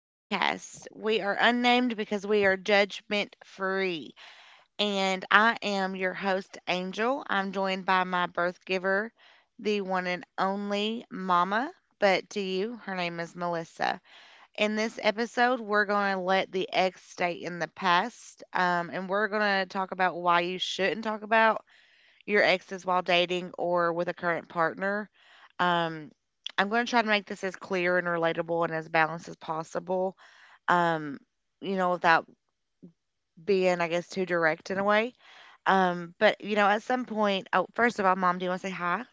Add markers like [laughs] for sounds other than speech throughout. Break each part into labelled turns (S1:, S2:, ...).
S1: Podcast. We are unnamed because we are judgment free. And I am your host, Angel. I'm joined by my birth giver, the one and only Mama. But to you, her name is Melissa. In this episode, we're going to let the ex stay in the past. And we're going to talk about why you shouldn't talk about your exes while dating or with a current partner. Um, I'm going to try to make this as clear and relatable and as balanced as possible. Um, Without being, I guess, too direct in a way. At some point, oh, first of all, mom, do you want to say hi?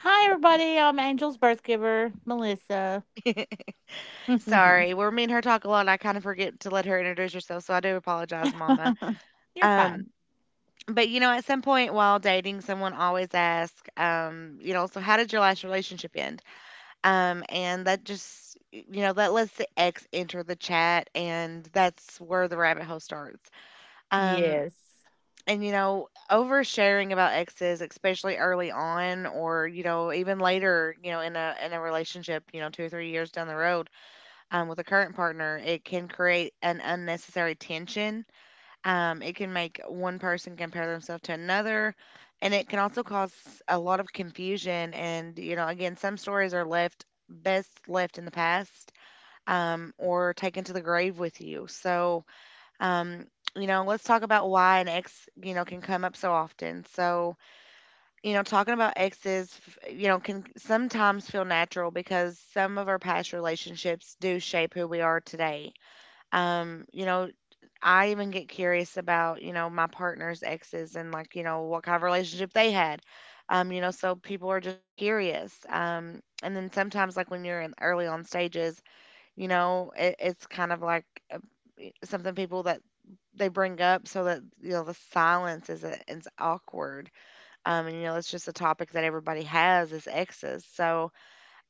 S2: Hi, everybody. I'm Angel's birth giver, Melissa.
S1: [laughs]
S2: [laughs] You're
S1: Sorry, we're me and her talk a lot. I kind of forget to let her introduce herself, so I do apologize, mama. Um,
S2: fine.
S1: at some point while dating, someone always asks, so how did your last relationship end? And that just, you know, That lets the ex enter the chat, and that's where the rabbit hole starts. Um,
S2: Yes.
S1: you know, oversharing about exes, especially early on or, you know, even later, you know, in a relationship, you know, 2 or 3 years down the road, with a current partner, it can create an unnecessary tension. It can make one person compare themselves to another, and it can also cause a lot of confusion. And, you know, again, some stories are left best left in the past, or taken to the grave with you. Um, let's talk about why an ex, you know, can come up so often. You know, talking about exes, you know, can sometimes feel natural because some of our past relationships do shape who we are today. You know, I even get curious about, you know, my partner's exes and like, you know, what kind of relationship they had. You know, so people are just curious. And then sometimes like when you're in early on stages, you know, it's kind of like uh, something people that they bring up so that you know the silence is awkward. And you know, it's just a topic that everybody has is exes.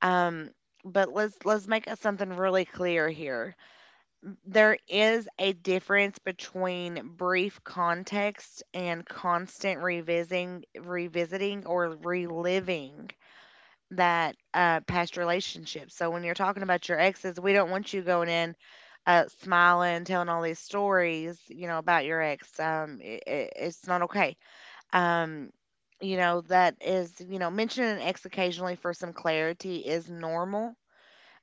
S1: um, but let's make it something really clear here. There is a difference between brief context and constant revisiting or reliving that past relationship. So when you're talking about your exes, we don't want you going in smiling, telling all these stories, you know, about your ex. It's not okay. um, you know, that is, you know, mentioning an ex occasionally for some clarity is normal.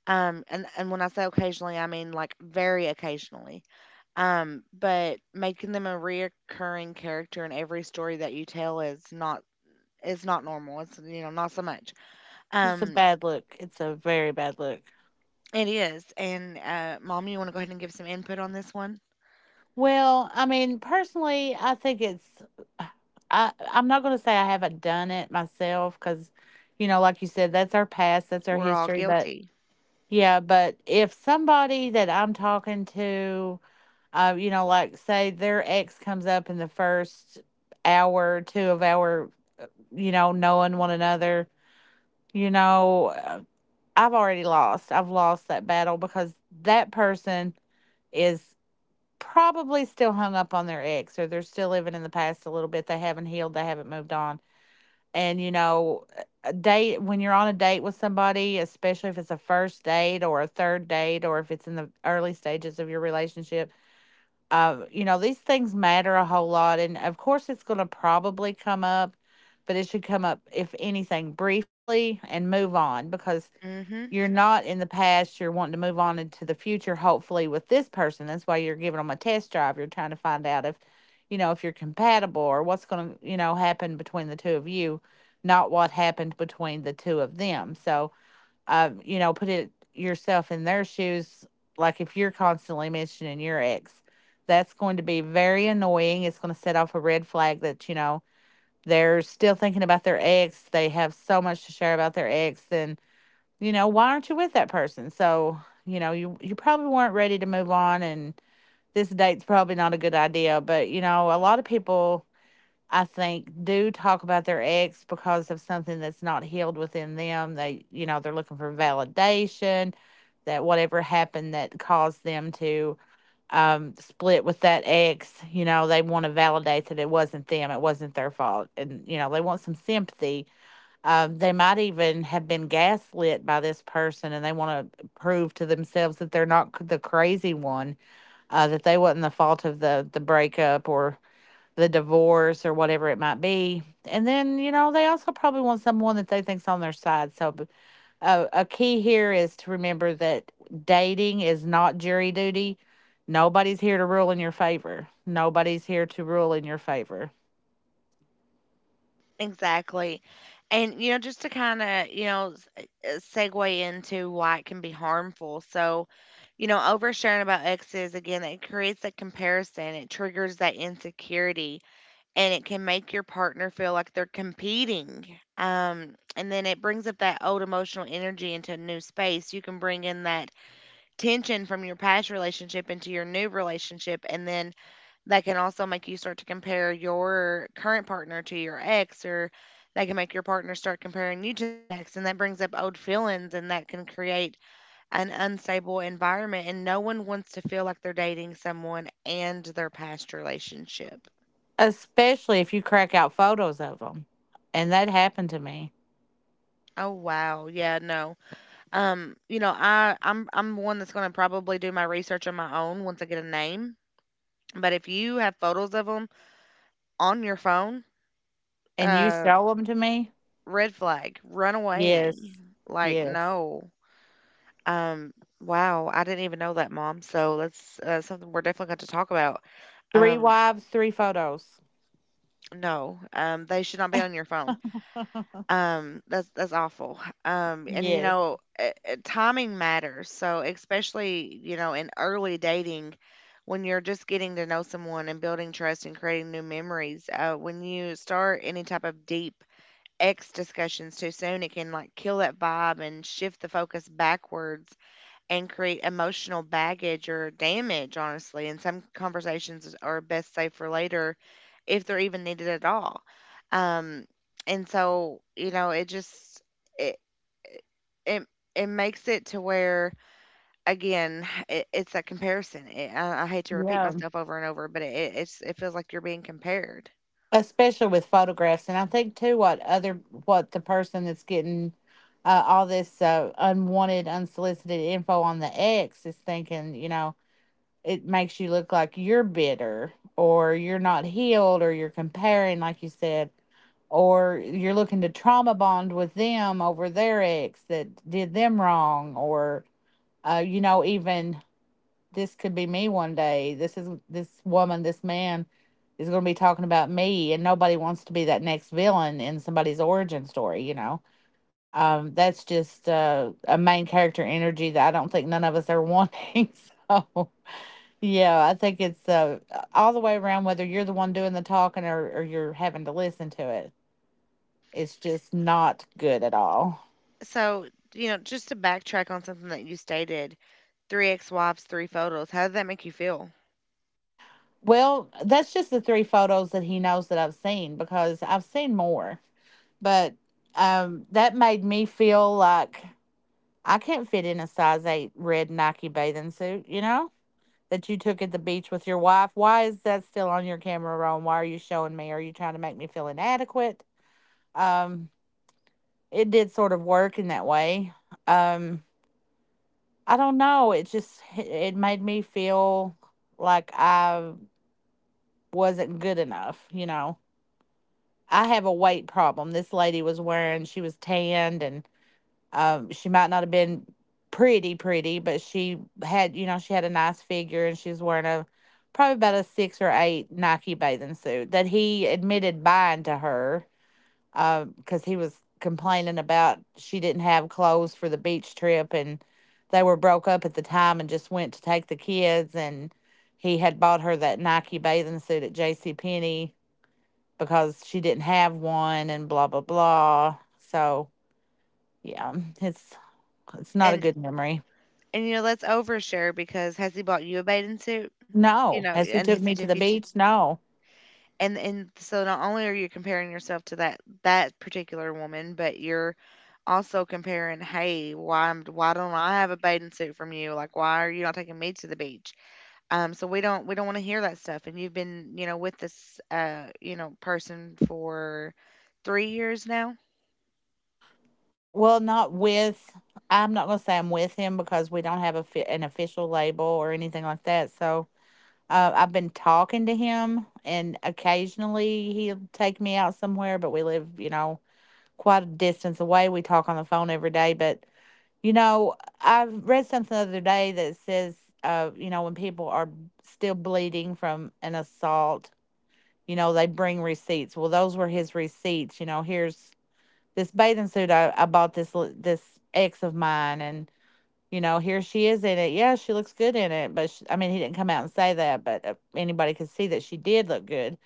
S1: And when I say occasionally, I mean like very occasionally. But making them a reoccurring character in every story that you tell is not, is not normal. It's, you know, not so much.
S2: It's a
S1: Um,
S2: bad look. It's a very bad look.
S1: it is. And Mom, you want to go ahead and give some input on this one?
S2: Well, I mean, personally, I think it's. I'm not going to say I haven't done it myself because, like you said, that's our past, that's our
S1: We're all
S2: history. But
S1: guilty.
S2: yeah, but if somebody that I'm talking to, you know, like say their ex comes up in the first hour or two of our knowing one another. You know, uh, I've already lost. I've lost that battle because that person is probably still hung up on their ex or they're still living in the past a little bit. They haven't healed, they haven't moved on. And a date, when you're on a date with somebody, especially if it's a first date or a third date or if it's in the early stages of your relationship, these things matter a whole lot. And of course, it's going to probably come up, but it should come up, if anything, briefly and move on because
S1: Mm-hmm.
S2: you're not in the past. You're wanting to move on into the future, hopefully, with this person. That's why you're giving them a test drive. You're trying to find out if you're compatible or what's going to, happen between the two of you, not what happened between the two of them. So, put it yourself in their shoes. Like if you're constantly mentioning your ex, that's going to be very annoying. It's going to set off a red flag that they're still thinking about their ex. They have so much to share about their ex. And why aren't you with that person? So, you probably weren't ready to move on. And this date's probably not a good idea. But a lot of people I think, do talk about their ex because of something that's not healed within them. They're looking for validation that whatever happened that caused them to split with that ex, they want to validate that it wasn't them, it wasn't their fault. And they want some sympathy. They might even have been gaslit by this person and they want to prove to themselves that they're not the crazy one, that they wasn't the fault of the breakup or the divorce or whatever it might be. And then, they also probably want someone that they think's on their side. So a key here is to remember that dating is not jury duty. Nobody's here to rule in your favor. Nobody's here to rule in your favor,
S1: Exactly. And you know, just to kind of segue into why it can be harmful. You know, oversharing about exes again, it creates that comparison. It triggers that insecurity and it can make your partner feel like they're competing. And then it brings up that old emotional energy into a new space. You can bring in that tension from your past relationship into your new relationship, and then that can also make you start to compare your current partner to your ex, or that can make your partner start comparing you to the ex, and that brings up old feelings, and that can create an unstable environment. And no one wants to feel like they're dating someone and their past relationship.
S2: especially if you crack out photos of them. And that happened to me.
S1: Oh wow, yeah, no. You know, I'm one that's going to probably do my research on my own once I get a name. But if you have photos of them on your phone,
S2: And you
S1: uh,
S2: show them to me?
S1: red flag, run away.
S2: Yes.
S1: Like
S2: Yes.
S1: no. Um, wow, I didn't even know that, Mom. So that's something we're definitely going to talk about.
S2: Three
S1: Um,
S2: wives, three photos.
S1: no, they should not be on your phone.
S2: [laughs]
S1: That's awful.
S2: Yes.
S1: Timing matters. So especially, you know, in early dating, when you're just getting to know someone and building trust and creating new memories, when you start any type of deep ex discussions too soon, it can like kill that vibe and shift the focus backwards and create emotional baggage or damage, honestly. And some conversations are best saved for later if they're even needed at all. Um, and so, you know, it just, it, it, it makes it to where, again, [sighs] it's a comparison. I hate to repeat
S2: Yeah.
S1: myself over and over, but it's, it feels like you're being compared.
S2: Especially with photographs, and I think too what other what the person that's getting all this unwanted unsolicited info on the ex is thinking it makes you look like you're bitter or you're not healed or you're comparing like you said or you're looking to trauma bond with them over their ex that did them wrong or even this could be me one day. This is this woman, this man is going to be talking about me, and nobody wants to be that next villain in somebody's origin story, you know? That's just a main character energy that I don't think none of us are wanting. [laughs] So, yeah, I think it's all the way around, whether you're the one doing the talking or you're having to listen to it. It's just not good at all.
S1: So, you know, just to backtrack on something that you stated, three ex-wives, three photos. How did that make you feel?
S2: Well, that's just the three photos that he knows that I've seen because I've seen more. But that made me feel like I can't fit in a size 8 red Nike bathing suit that you took at the beach with your wife. Why is that still on your camera roll? Why are you showing me? Are you trying to make me feel inadequate? Um, it did sort of work in that way. Um, I don't know. It just it made me feel like I wasn't good enough. I have a weight problem. This lady was wearing, she was tanned and she might not have been pretty, pretty, but she had a nice figure and she was wearing a probably about a 6 or 8 Nike bathing suit that he admitted buying to her because he was complaining about she didn't have clothes for the beach trip and they were broke up at the time and just went to take the kids and he had bought her that Nike bathing suit at J.C. Penney because she didn't have one and blah blah blah. So yeah, [laughs] it's it's not a
S1: And
S2: good memory.
S1: And, you know, let's overshare because has he bought you a bathing suit? You
S2: No.
S1: know,
S2: As he
S1: and
S2: took
S1: has he
S2: me to
S1: took
S2: the
S1: you to,
S2: beach? No.
S1: and so not only are you comparing yourself to that particular woman, but you're also comparing, hey, why don't I have a bathing suit from you? Like, why are you not taking me to the beach? So we don't want to hear that stuff. And you've been, you know, with this person for 3 years now.
S2: Well, not with, I'm not going to say I'm with him because we don't have a an official label or anything like that. So I've been talking to him, and occasionally he'll take me out somewhere, but we live quite a distance away. We talk on the phone every day. But, you know, I've read something the other day that says, when people are still bleeding from an assault, they bring receipts. Well, those were his receipts. Here's this bathing suit I bought this ex of mine, and here she is in it. Yeah, she looks good in it, but sh I mean, he didn't come out and say that, but anybody could see that she did look good.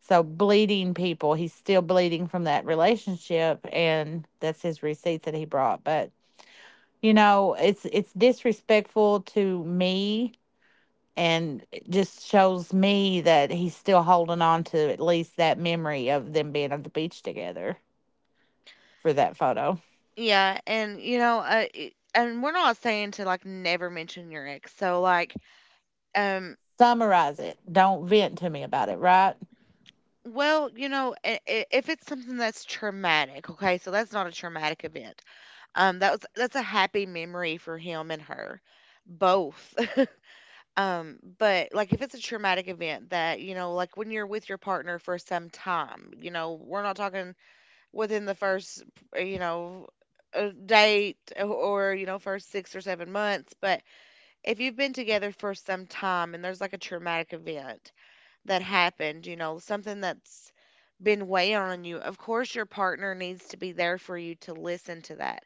S2: So bleeding people, he's still bleeding from that relationship, and that's his receipts that he brought. But it's disrespectful to me and it just shows me that he's still holding on to at least that memory of them being at the beach together for that photo.
S1: Yeah, and you know, and we're not saying to like never mention your ex. Um,
S2: Summarize it. Don't vent to me about it, right?
S1: Well, you know, I if it's something that's traumatic, okay, so that's not a traumatic event. That's a happy memory for him and her, both. [laughs] But like if it's a traumatic event that, you know, like when you're with your partner for some time, you know, we're not talking within the first, uh, you know, date or, you know, first 6 or 7 months, but if you've been together for some time and there's like a traumatic event that happened, you know, something that's been weighing on you, of course your partner needs to be there for you to listen to that.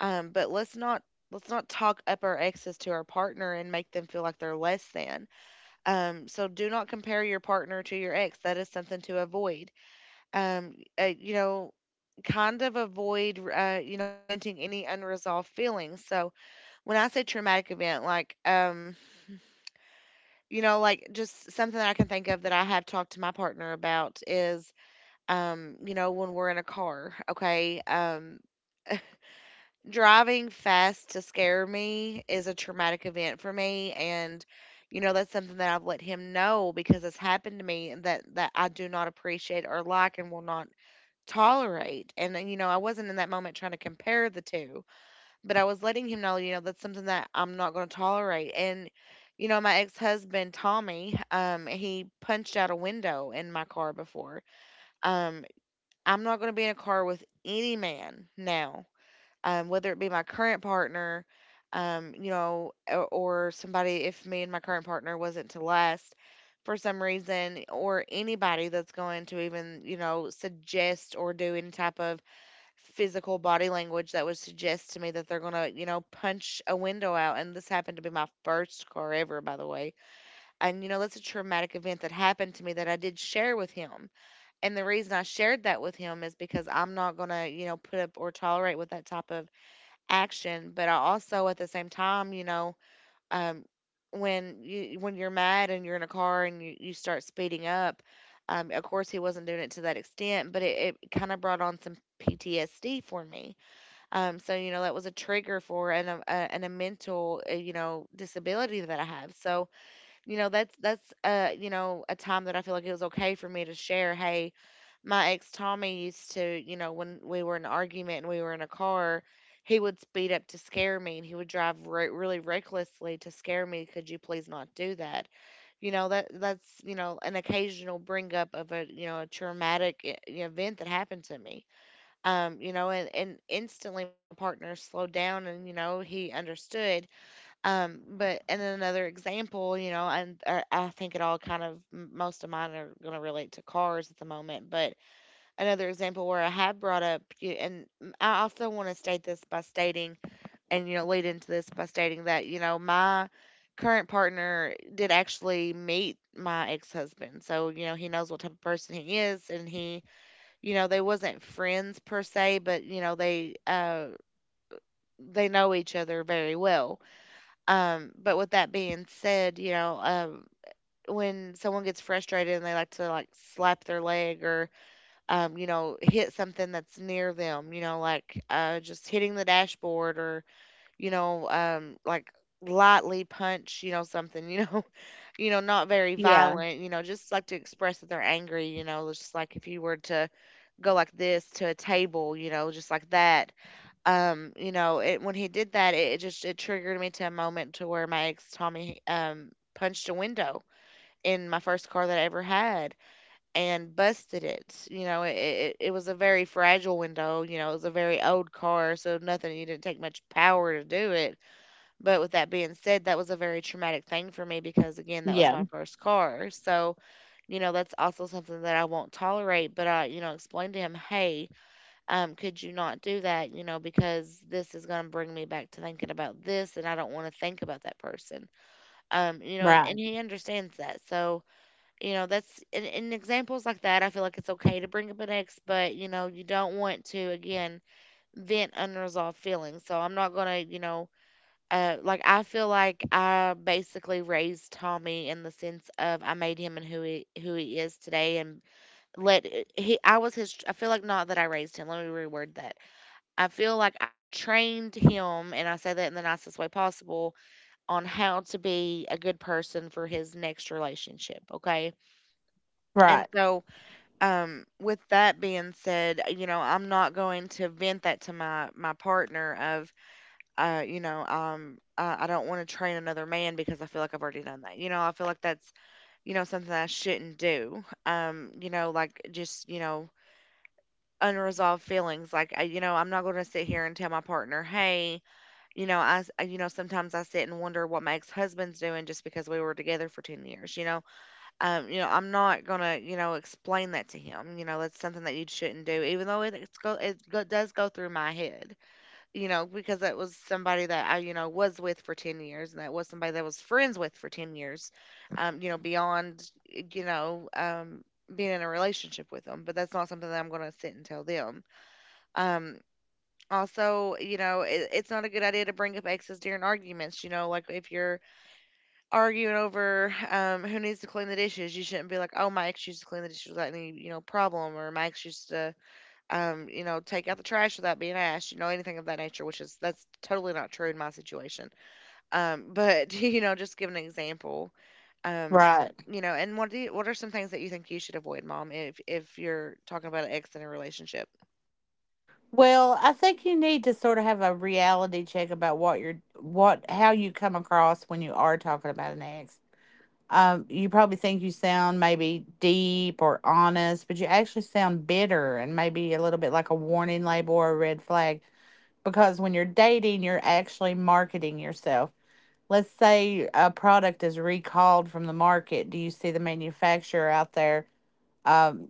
S1: But let's not let's not talk up our exes to our partner and make them feel like they're less than. So do not compare your partner to your ex. That is something to avoid. Um, uh, you know, Kind of avoid you know, venting any unresolved feelings. So when I say traumatic event, you know, like just something that I can think of that I have talked to my partner about is, you know, when we're in a car, okay? Driving fast to scare me is a traumatic event for me, and you know that's something that I've let him know because it's happened to me and that I do not appreciate or like and will not tolerate. And you know, I wasn't in that moment trying to compare the two, but I was letting him know, you know, that's something that I'm not going to tolerate. And you know, my ex-husband Tommy, he punched out a window in my car before. Um, I'm not going to be in a car with any man now, whether it be my current partner, um, you know, or, or somebody, if me and my current partner wasn't to last for some reason, or anybody that's going to even, you know, suggest or do any type of physical body language that would suggest to me that they're going to, you know, punch a window out. And this happened to be my first car ever, by the way. And, you know, that's a traumatic event that happened to me that I did share with him. And the reason I shared that with him is because I'm not gonna, you know, put up or tolerate with that type of action. But I also, at the same time, you know, um, when you when you're mad and you're in a car and you start speeding up, of course he wasn't doing it to that extent, but it kind of brought on some PTSD for me. So you know that was a trigger for and a mental, you know, disability that I have. So you know that's that's you know a time that I feel like it was okay for me to share. Hey, my ex Tommy used to, you know, when we were in an argument and we were in a car, he would speed up to scare me and he would drive really recklessly to scare me. Could you please not do that? That's an occasional bring up of a, a traumatic event that happened to me. And instantly my partner slowed down and, he understood. And then another example, I think it all kind of, most of mine are going to relate to cars at the moment, but another example where I have brought up, I also want to state this by stating, lead into this by stating that, my current partner did actually meet my ex-husband. So, he knows what type of person he is, and they wasn't friends per se, but you know, they know each other very well. But with that being said, when someone gets frustrated and they like to like slap their leg or hit something that's near them, you know, like just hitting the dashboard, or, like lightly punch, you know, something, you know, [laughs] you know, not very
S2: Yeah.
S1: violent, you know, just like to express that they're angry, you know, just like if you were to go like this to a table, you know, just like that. When he did that, it triggered me to a moment to where my ex Tommy, punched a window in my first car that I ever had and busted it. You know, it was a very fragile window. You know, it was a very old car, so nothing. You didn't take much power to do it. But with that being said, that was a very traumatic thing for me because, again, that was
S2: Yeah.
S1: my first car. So you know, that's also something that I won't tolerate. But I, you know, explained to him, hey, could you not do that? You know, because this is gonna bring me back to thinking about this, and I don't want to think about that person. Um, you know, and,
S2: Right.
S1: and he understands that. So you know that's, in examples like that, I feel like it's okay to bring up an ex, but you know you don't want to, again, vent unresolved feelings. So I'm not gonna, like, I feel like I basically raised Tommy in the sense of I made him, and who he is today. And let eh, he I was his I feel like, not that I raised him, let me reword that. I feel like I trained him, and I say that in the nicest way possible, on how to be a good person for his next relationship, okay? And
S2: Right.
S1: so with that being said, you know, I'm not going to vent that to my partner of, I don't want to train another man because I feel like I've already done that. You know, I feel like that's, something I shouldn't do. Like, just, you know, unresolved feelings. Like, I'm not going to sit here and tell my partner, hey, you know, you know, sometimes I sit and wonder what Mike's husband's doing just because we were together for 10 years. You know, I'm not gonna, explain that to him. You know, that's something that you shouldn't do, even though it does go through my head. You know, because that was somebody that I, was with for 10 years, and that was somebody that I was friends with for 10 years. Beyond, being in a relationship with them. But that's not something that I'm gonna sit and tell them. Um, Also, you know, it, it's not a good idea to bring up exes during arguments. You know, like if you're arguing over who needs to clean the dishes. You shouldn't be like, "Oh, my ex used to clean the dishes without any, you know, problem," or, "My ex used to, take out the trash without being asked," you know, anything of that nature. Which is that's totally not true in my situation. But [laughs] you know, just give an example. Um,
S2: Right.
S1: you know, and what do you, what are some things that you think you should avoid, mom, if you're talking about an ex in a relationship?
S2: Well, I think you need to sort of have a reality check about what you're what how you come across when you are talking about an ex. You probably think you sound maybe deep or honest, but you actually sound bitter and maybe a little bit like a warning label or a red flag because when you're dating, you're actually marketing yourself. Let's say a product is recalled from the market. Do you see the manufacturer out there um,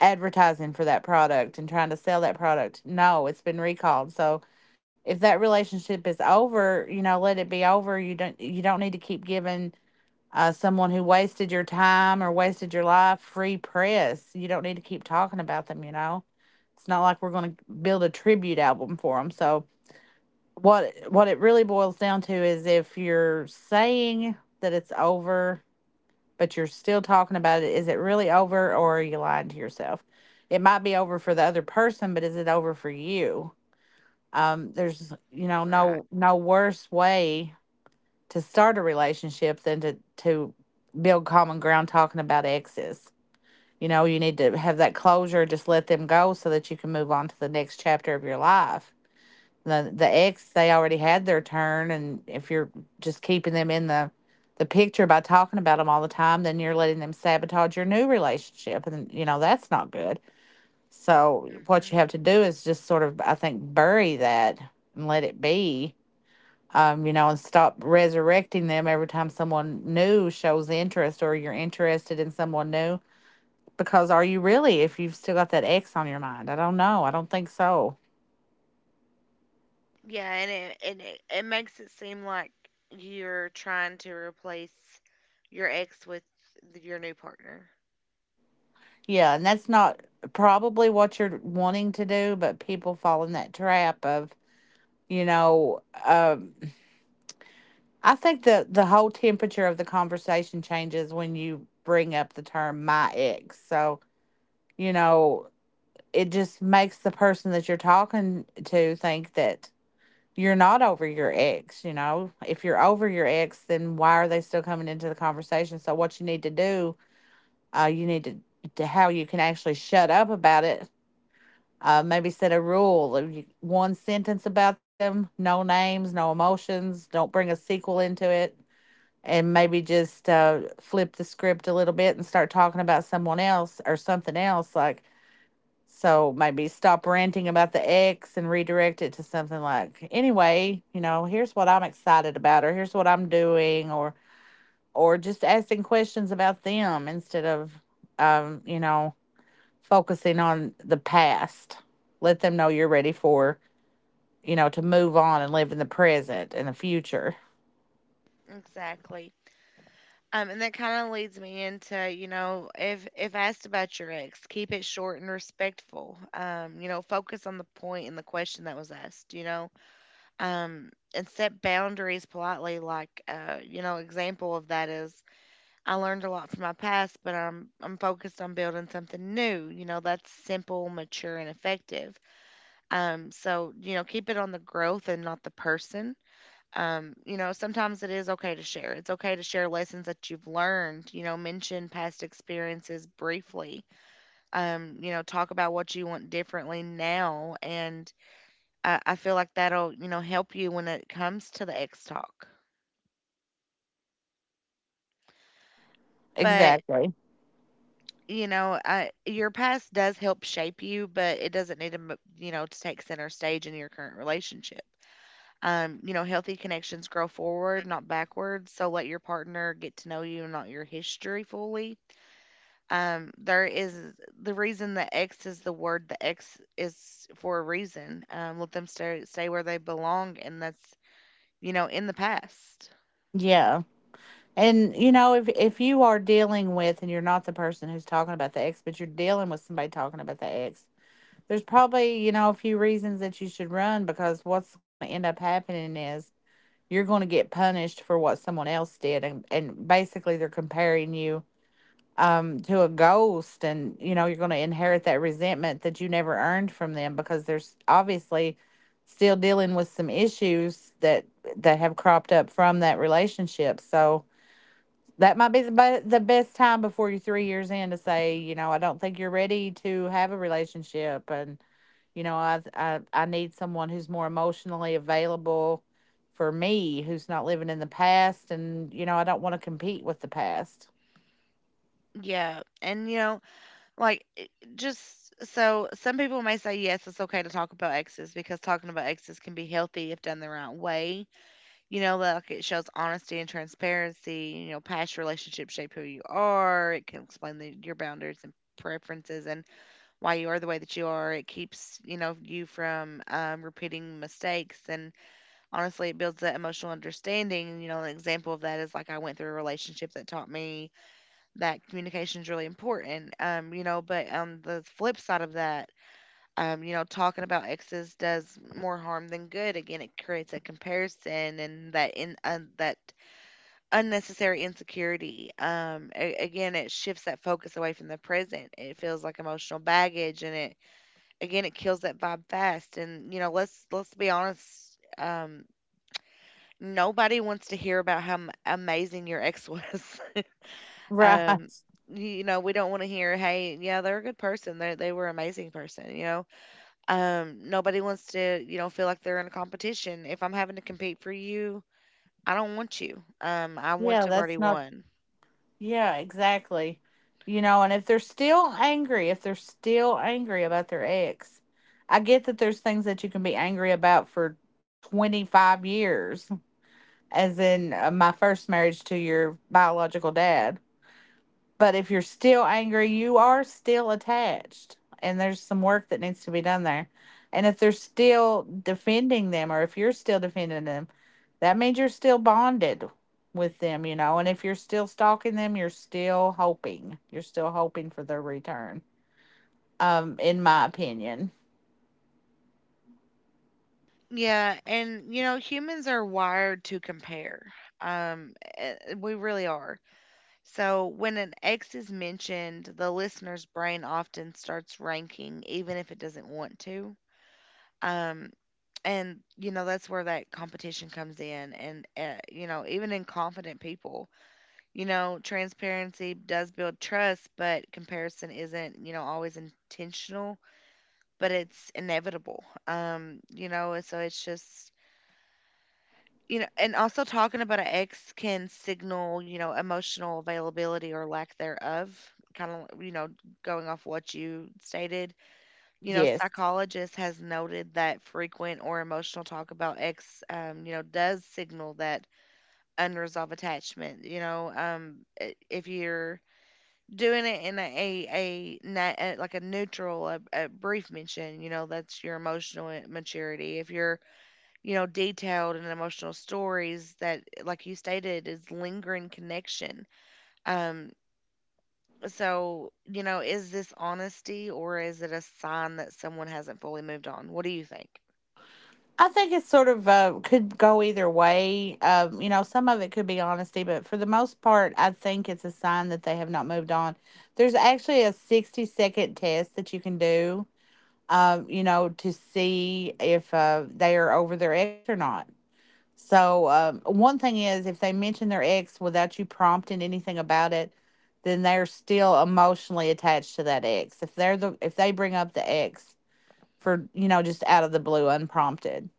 S2: advertising for that product and trying to sell that product? No, it's been recalled. So if that relationship is over, let it be over. You don't need to keep giving someone who wasted your time or wasted your life, free press. You don't need to keep talking about them, you know? It's not like we're going to build a tribute album for them. So, what it really boils down to is if you're saying that it's over, but you're still talking about it, is it really over or are you lying to yourself? It might be over for the other person, but is it over for you? There's,
S1: Right.
S2: no worse way to start a relationship than to build common ground talking about exes. You need to have that closure, just let them go so that you can move on to the next chapter of your life. The ex, they already had their turn and if you're just keeping them in the picture by talking about them all the time, then you're letting them sabotage your new relationship and that's not good. So what you have to do is just sort of I think bury that and let it be and stop resurrecting them every time someone new shows interest or you're interested in someone new. Because are you really, if you've still got that ex on your mind? I don't know. I don't think so.
S1: Yeah, and it makes it seem like you're trying to replace your ex with your new partner.
S2: Yeah. And that's not probably what you're wanting to do, but people fall in that trap of, you know, um, I think the whole temperature of the conversation changes when you bring up the term my ex. So, you know, it just makes the person that you're talking to think that you're not over your ex. If you're over your ex, then why are they still coming into the conversation? So what you need to do, you need to how you can actually shut up about it. Maybe set a rule of you, one sentence about them, no names, no emotions, don't bring a sequel into it, and maybe just flip the script a little bit and start talking about someone else or something else. Like so maybe stop ranting about the ex and redirect it to something like, anyway, here's what I'm excited about, or here's what I'm doing, or just asking questions about them instead of, um, you know, focusing on the past. Let them know you're ready for, you know, to move on and live in the present and the future.
S1: Exactly. And that kind of leads me into, you know, if asked about your ex, keep it short and respectful. You know, focus on the point and the question that was asked. You know, and set boundaries politely. Like, you know, example of that is, I learned a lot from my past, but I'm focused on building something new. You know, that's simple, mature, and effective. So you know, keep it on the growth and not the person. Sometimes it is okay to share. It's okay to share lessons that you've learned. You know, mention past experiences briefly. Talk about what you want differently now, and I feel like that'll, you know, help you when it comes to the X talk. But
S2: Exactly.
S1: you know, I, your past does help shape you, but it doesn't need to, you know, to take center stage in your current relationship. You know, healthy connections grow forward, not backwards. So let your partner get to know you, not your history fully. There is the reason the X is the word, the X is for a reason. Let them stay where they belong, and that's, you know, in the past.
S2: Yeah. And you know, if you are dealing with and you're not the person who's talking about the ex, but you're dealing with somebody talking about the ex, there's probably, you know, a few reasons that you should run, because what's going to end up happening is you're going to get punished for what someone else did. And basically, they're comparing you to a ghost. And, you know, you're going to inherit that resentment that you never earned from them because there's obviously still dealing with some issues that have cropped up from that relationship. So, that might be the best time before you're 3 years in to say, you know, I don't think you're ready to have a relationship, and you know, I need someone who's more emotionally available for me, who's not living in the past, and you know, I don't want to compete with the past. [laughs]
S1: Yeah. And, you know, like, it just, so some people may say, yes, it's okay to talk about exes because talking about exes can be healthy if done the right way. You know, like it shows honesty and transparency. You know, past relationships shape who you are. It can explain your boundaries and preferences, and why you are the way that you are. It keeps, you know, you from repeating mistakes. And honestly, it builds that emotional understanding. You know, an example of that is, like, I went through a relationship that taught me that communication is really important. You know, but on the flip side of that, you know, talking about exes does more harm than good. Again, it creates a comparison, and that in un that unnecessary insecurity. Again, it shifts that focus away from the present. It feels like emotional baggage, and it, again, it kills that vibe fast. And you know, let's be honest. Nobody wants to hear about how amazing your ex was. [laughs] Um,
S2: Right.
S1: you know, we don't want to hear, "Hey, yeah, they're a good person. They were an amazing person." You know, nobody wants to, you know, feel like they're in a competition. If I'm having to compete for you, I don't want you. I want
S2: Yeah,
S1: to have already
S2: that's not.
S1: won.
S2: Yeah, exactly. You know, and if they're still angry, about their ex, I get that there's things that you can be angry about for 25 years, as in my first marriage to your biological dad. But if you're still angry, you are still attached, and there's some work that needs to be done there. And if they're still defending them, or if you're still defending them, that means you're still bonded with them, you know. And if you're still stalking them, you're still hoping. You're still hoping for their return, in my opinion.
S1: Yeah, and you know, humans are wired to compare. We really are. So when an ex is mentioned, the listener's brain often starts ranking, even if it doesn't want to. Um, and you know that's where that competition comes in. And you know, even in confident people, you know, transparency does build trust, but comparison isn't, you know, always intentional, but it's inevitable. You know, and so it's just, you know, and also talking about an ex can signal, you know, emotional availability or lack theref kind of, you know, going off what you stated, you know,
S2: Yes.
S1: psychologist has noted that frequent or emotional talk about ex, you know, does signal that unresolved attachment. You know, if you're doing it in a like a neutral, a brief mention, you know, that's your emotional maturity. If you're, you know, detailed and emotional stories, that, like you stated, is lingering connection. Um, so you know, is this honesty, or is it a sign that someone hasn't fully moved on? What do you think?
S2: I think it's sort of could go either way. You know, some of it could be honesty, but for the most part, I think it's a sign that they have not moved on. There's actually a 60-second test that you can do, you know, to see if they are over their ex or not. So, one thing is if they mention their ex without you prompting anything about it, then they're still emotionally attached to that ex. If they're the if they bring up the ex for, you know, just out of the blue unprompted.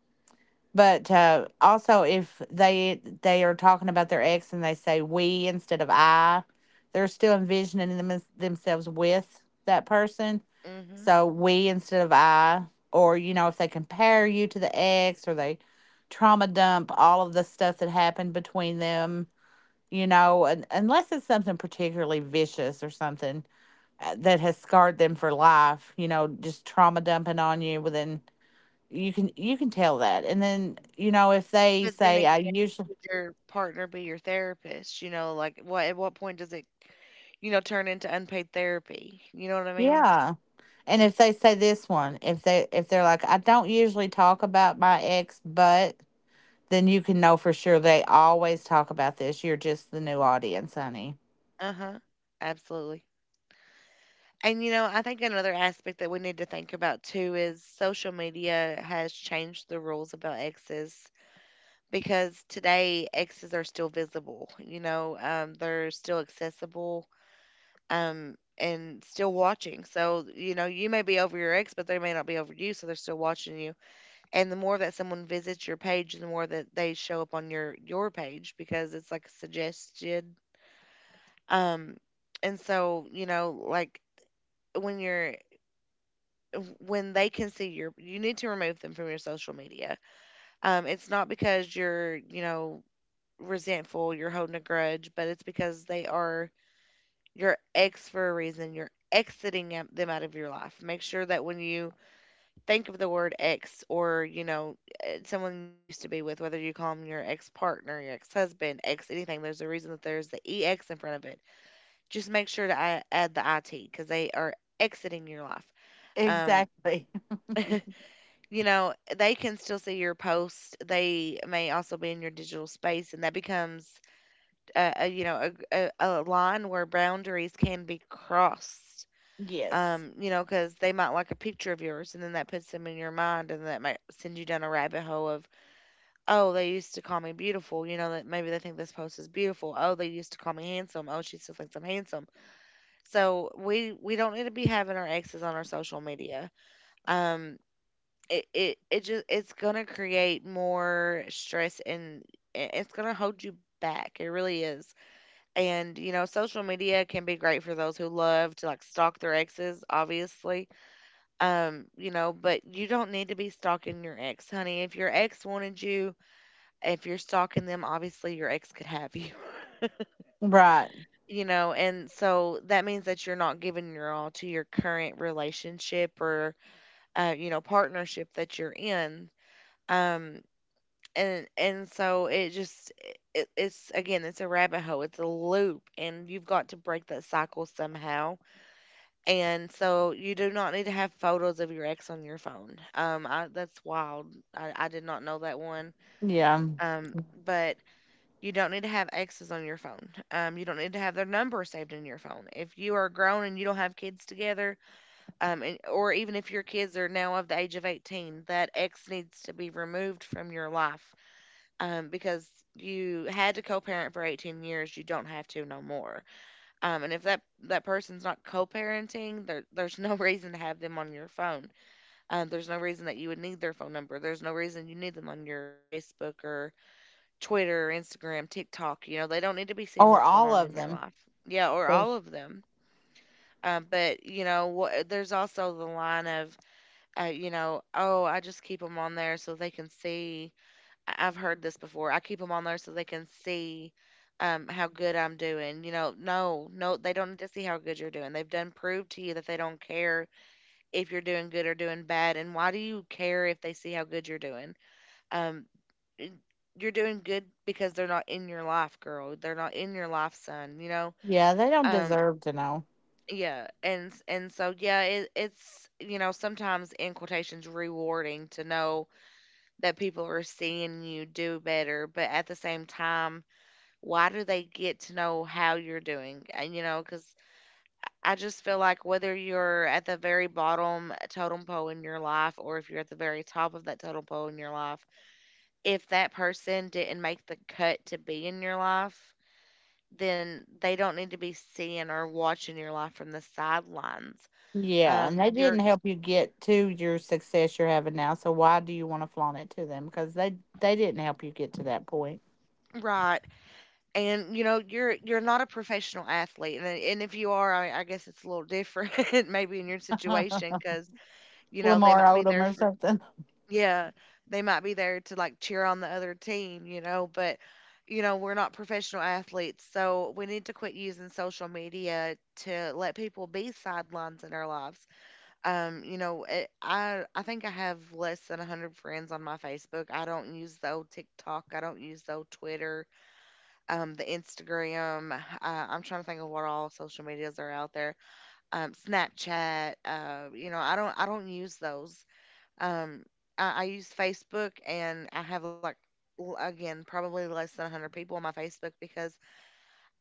S2: But also, if they are talking about their ex and they say we instead of I, they're still envisioning themselves with that person.
S1: Hmm.
S2: So we instead of I, or you know, if they compare you to the ex, or they trauma dump all of the stuff that happened between them, you know, un unless it's something particularly vicious or something that has scarred them for life, you know, just trauma dumping on you within, you can tell that. And then you know, if they
S1: But then
S2: say
S1: again,
S2: I usually,
S1: should your partner be your therapist? You know, like, what, at what point does it, you know, turn into unpaid therapy? You know what I mean?
S2: yeah. And if they say this one, if they're like, I don't usually talk about my ex, but then you can know for sure they always talk about this. You're just the new audience, honey.
S1: Uh huh. Absolutely. And you know, I think another aspect that we need to think about too is social media has changed the rules about exes, because today exes are still visible. You know, they're still accessible, and still watching. So you know, you may be over your ex, but they may not be over you, so they're still watching you. And the more that someone visits your page, the more that they show up on your page because it's like suggested. Um, and so you know, like when you're when they can see your, you need to remove them from your social media. It's not because you're, you know, resentful, you're holding a grudge, but it's because they are your ex for a reason. You're exiting them out of your life. Make sure that when you think of the word ex or, you know, someone you used to be with, whether you call them your ex partner, your ex husband, ex anything, there's a reason that there's the EX in front of it. Just make sure to add the IT because they are exiting your life. Um,
S2: Exactly.
S1: [laughs] you know, they can still see your post. They may also be in your digital space, and that becomes a you know a line where boundaries can be crossed,
S2: [laughs] Yes.
S1: you know, because they might like a picture of yours, and then that puts them in your mind, and that might send you down a rabbit hole of, oh, they used to call me beautiful. You know, that maybe they think this post is beautiful. Oh, they used to call me handsome. Oh, she still thinks I'm handsome. So we don't need to be having our exes on our social media. Um, it's gonna create more stress and it's gonna hold you back. It really is. And you know, social media can be great for those who love to like stalk their exes, obviously, you know, but you don't need to be stalking your ex, honey. If your ex wanted you, if you're stalking them, obviously your ex could have you. [laughs]
S2: Right.
S1: You know, and so that means that you're not giving your all to your current relationship or you know, partnership that you're in. Um and so it just, it's again, it's a rabbit hole, it's a loop, and you've got to break that cycle somehow. And so you do not need to have photos of your ex on your phone. That's wild. I did not know that one.
S2: Yeah,
S1: Um, but you don't need to have exes on your phone. You don't need to have their number saved in your phone. If you are grown and you don't have kids together, and, or even if your kids are now of the age of 18, that ex needs to be removed from your life, because you had to co parent for 18 years. You don't have to no more. And if that that person's not co-parenting, there's no [laughs] reason to have them on your phone. There's no reason that you would need their phone number. There's no reason you need them on your Facebook or Twitter or Instagram, TikTok. You know, they don't need to be seeing
S2: or
S1: what's going
S2: all
S1: on
S2: of
S1: in your
S2: them.
S1: life. Yeah, or
S2: They-
S1: all of them. But you know, there's also the line of, you know, oh, I just keep them on there so they can see. I've heard this before. I keep them on there so they can see, how good I'm doing. You know, no, no, they don't need to see how good you're doing. They've done proved to you that they don't care if you're doing good or doing bad. And why do you care if they see how good you're doing? Um, y- you're doing good because they're not in your life, girl. They're not in your life, son. You know,
S2: yeah, they don't
S1: um,
S2: deserve to know.
S1: yeah, and so yeah, it's you know sometimes in quotations rewarding to know that people are seeing you do better, but at the same time why do they get to know how you're doing? And you know, because I just feel like whether you're at the very bottom, totem pole in your life, or if you're at the very top of that totem pole in your life, if that person didn't make the cut to be in your life, then they don't need to be seeing or watching your life from the sidelines.
S2: Yeah, and they didn't
S1: You're
S2: help you get to your success you're having now, so why do you want to flaunt it to them? Because they didn't help you get to that point.
S1: right, and you know you're not a professional athlete, and if you are, I guess it's a little different, [laughs] maybe in your
S2: [laughs]
S1: situation, because you know they
S2: Lamar
S1: might be there
S2: Odom or
S1: for.
S2: something.
S1: Yeah, they might be there to like cheer on the other team, you know, but you know, we're not professional athletes, so we need to quit using social media to let people be sidelines in our lives. You know, I think I have less than 100 friends on my Facebook. I don't use the old TikTok, I don't use the old Twitter, the Instagram. I'm trying to think of what all social medias are out there. Snapchat, you know, I don't use those. Um, I use Facebook, and I have like, again, probably less than a hundred people on my Facebook because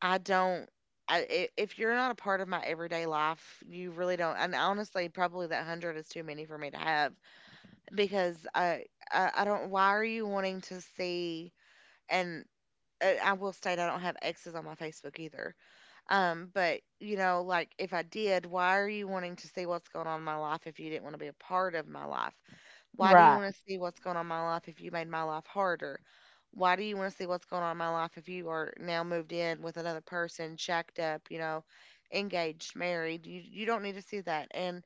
S1: I don't. If you're not a part of my everyday life, you really don't. And honestly, probably that hundred is too many for me to have because I don't. Why are you wanting to see? And I will state I don't have exes on my Facebook either. But you know, like if I did, why are you wanting to see what's going on in my life if you didn't want to be a part of my life? Why do you
S2: Right.
S1: want to see what's going on in my life if you made my life harder? Why do you want to see what's going on in my life if you are now moved in with another person, shacked up, you know, engaged, married? You don't need to see that. And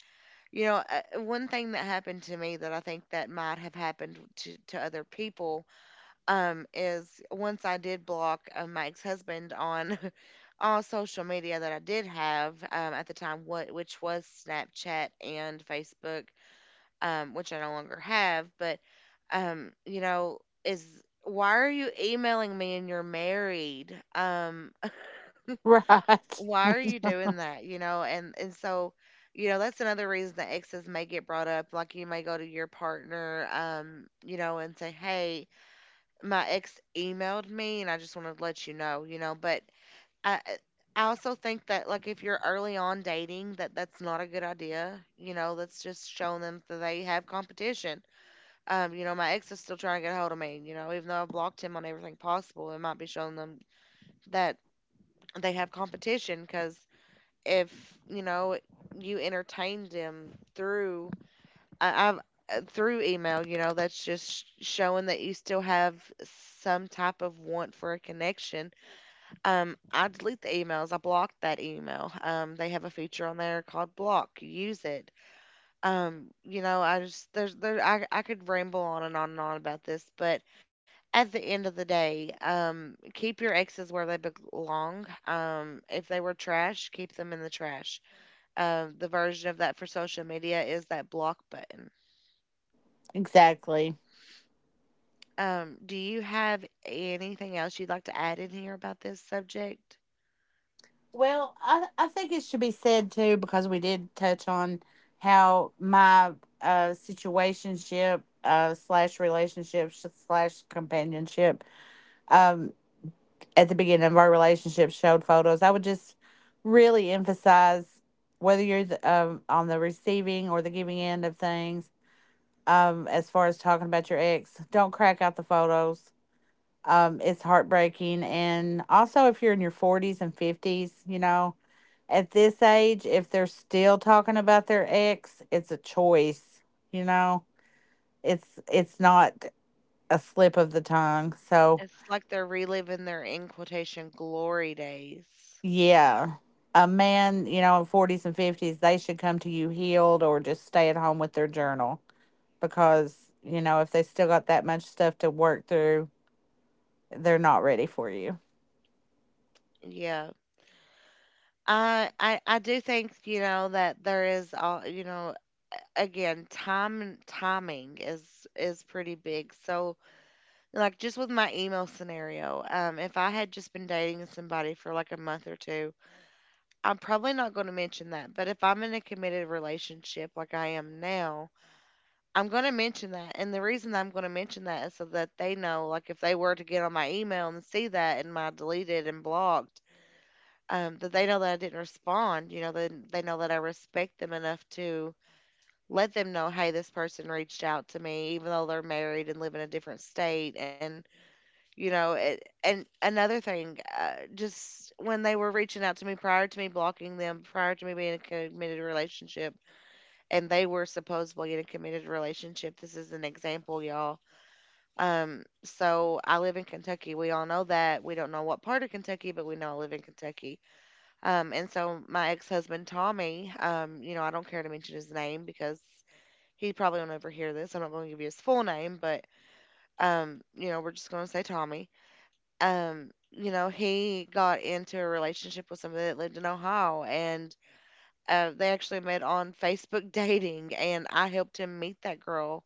S1: you know, one thing that happened to me that I think that might have happened to other people is once I did block, my ex-husband on [laughs] all social media that I did have at the time, what which was Snapchat and Facebook, which I no longer have, but you know, is why are you emailing me and you're married? [laughs]
S2: Right.
S1: Why are you
S2: [laughs]
S1: doing that? You know, and so, you know, that's another reason that exes may get brought up. Like you may go to your partner, you know, and say, "Hey, my ex emailed me, and I just wanted to let you know," you know. But I, I I also think that like if you're early on dating, that that's not a good idea. You know, that's just showing them that they have competition, you know, my ex is still trying to get a hold of me, you know, even though I blocked him on everything possible, it might be showing them that they have competition because if, you know, you entertained him through I, I've through email, you know, that's just showing that you still have some type of want for a connection. I delete the emails. I block that email. They have a feature on there called block. Use it. You know, I just there's there I could ramble on and on and on about this, but at the end of the day, keep your exes where they belong. If they were trash, keep them in the trash. The version of that for social media is that block button.
S2: Exactly.
S1: Do you have anything else you'd like to add in here about this subject?
S2: Well, I think it should be said too, because we did touch on how my situationship slash relationship slash companionship um. at the beginning of our relationship showed photos. I would just really emphasize whether you're the, on the receiving or the giving end of things. As far as talking about your ex, don't crack out the photos. It's heartbreaking, and also if you're in your 40s and 50s, you know, at this age, if they're still talking about their ex, it's a choice. You know, it's not a slip of the tongue. So
S1: It's like they're reliving their in quotation glory days.
S2: yeah. A man, you know, in 40s and 50s, they should come to you healed or just stay at home with their journal, because, you know, if they still got that much stuff to work through, they're not ready for you.
S1: Yeah. I do think, you know, that there is all, you know, again, time and timing is pretty big. So like just with my email scenario, if I had just been dating somebody for like a month or two, I'm probably not going to mention that. But if I'm in a committed relationship like I am now, I'm going to mention that. And the reason I'm going to mention that is so that they know, like if they were to get on my email and see that in my deleted and blocked, that they know that I didn't respond. You know, then they know that I respect them enough to let them know, hey, this person reached out to me, even though they're married and live in a different state. And you know, and another thing, just when they were reaching out to me prior to me blocking them, prior to me being in a committed relationship, and they were supposedly in a committed relationship. This is an example, y'all. So I live in Kentucky. We all know that. We don't know what part of Kentucky, but we know I live in Kentucky. And so my ex-husband Tommy, I don't care to mention his name because he probably won't ever hear this. I'm not going to give you his full name, but we're just going to say Tommy. He got into a relationship with somebody that lived in Ohio, and they actually met on Facebook [laughs] dating, and I helped him meet that girl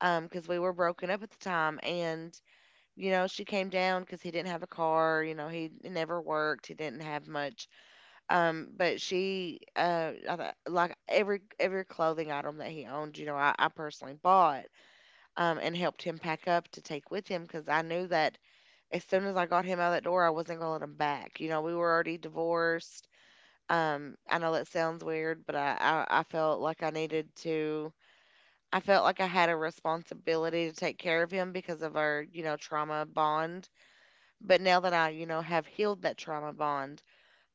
S1: because we were broken up at the time. And you know, she came down because he didn't have a car. You know, he never worked, he didn't have much. But like every clothing item that he owned, you know, I personally bought and helped him pack up to take with him because I knew that as soon as I got him out that door, I wasn't going to let him back. You know, we were already divorced. I know that sounds weird, but I felt like I needed to, I felt like I had a responsibility to take care of him because of our, you know, trauma bond. But now that I, you know, have healed that trauma bond,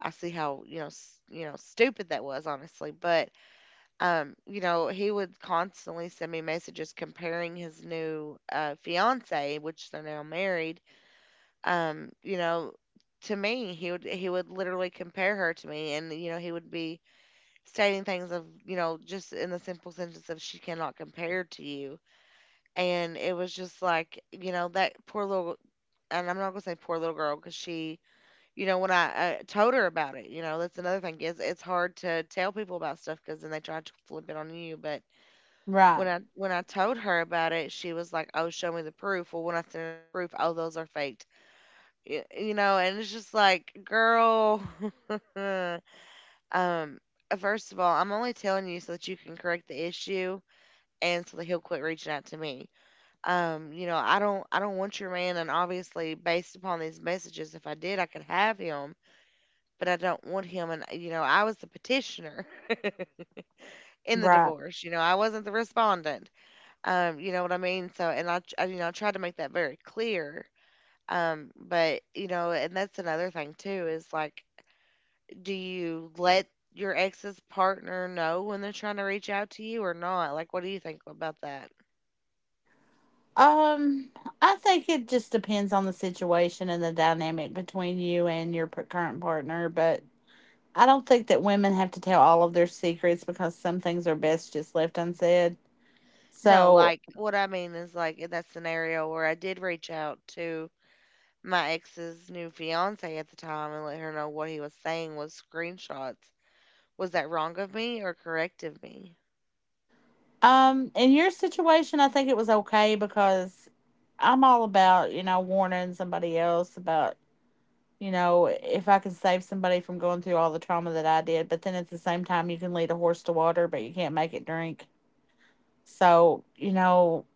S1: I see how, you know, stupid that was, honestly. But he would constantly send me messages comparing his new fiance, which they're now married, um, you know, to me. He would literally compare her to me, and you know, he would be stating things of, you know, just in the simple sentence of, she cannot compare to you. And it was just like, you know, that poor little. And I'm not gonna say poor little girl because she, you know, when I told her about it, you know, that's another thing, is it's hard to tell people about stuff because then they try to flip it on you. But
S2: Right.
S1: when I told her about it, she was like, "Oh, show me the proof." Well, when I sent her the proof, oh, those are faked. You know, and it's just like, girl, [laughs] um, first of all, I'm only telling you so that you can correct the issue and so that he'll quit reaching out to me. You know, I don't want your man, and obviously based upon these messages, if I did, I could have him, but I don't want him. And you know, I was the petitioner [laughs] in the
S2: Right.
S1: divorce. You know, I wasn't the respondent. You know what I mean? So, and I, tr- I you know, I tried to make that very clear. But you know, and that's another thing too, is like, do you let your ex's partner know when they're trying to reach out to you or not? Like, what do you think about that?
S2: Um, I think it just depends on the situation and the dynamic between you and your current partner, but I don't think that women have to tell all of their secrets, because some things are best just left unsaid.
S1: No,
S2: So,
S1: like, what I mean is, like, in that scenario where I did reach out to my ex's new fiance at the time and let her know what he was saying was screenshots. Was that wrong of me or correct of me?
S2: In your situation, I think it was okay, because I'm all about, you know, warning somebody else about, you know, if I can save somebody from going through all the trauma that I did. But then at the same time, you can lead a horse to water, but you can't make it drink. So, you know,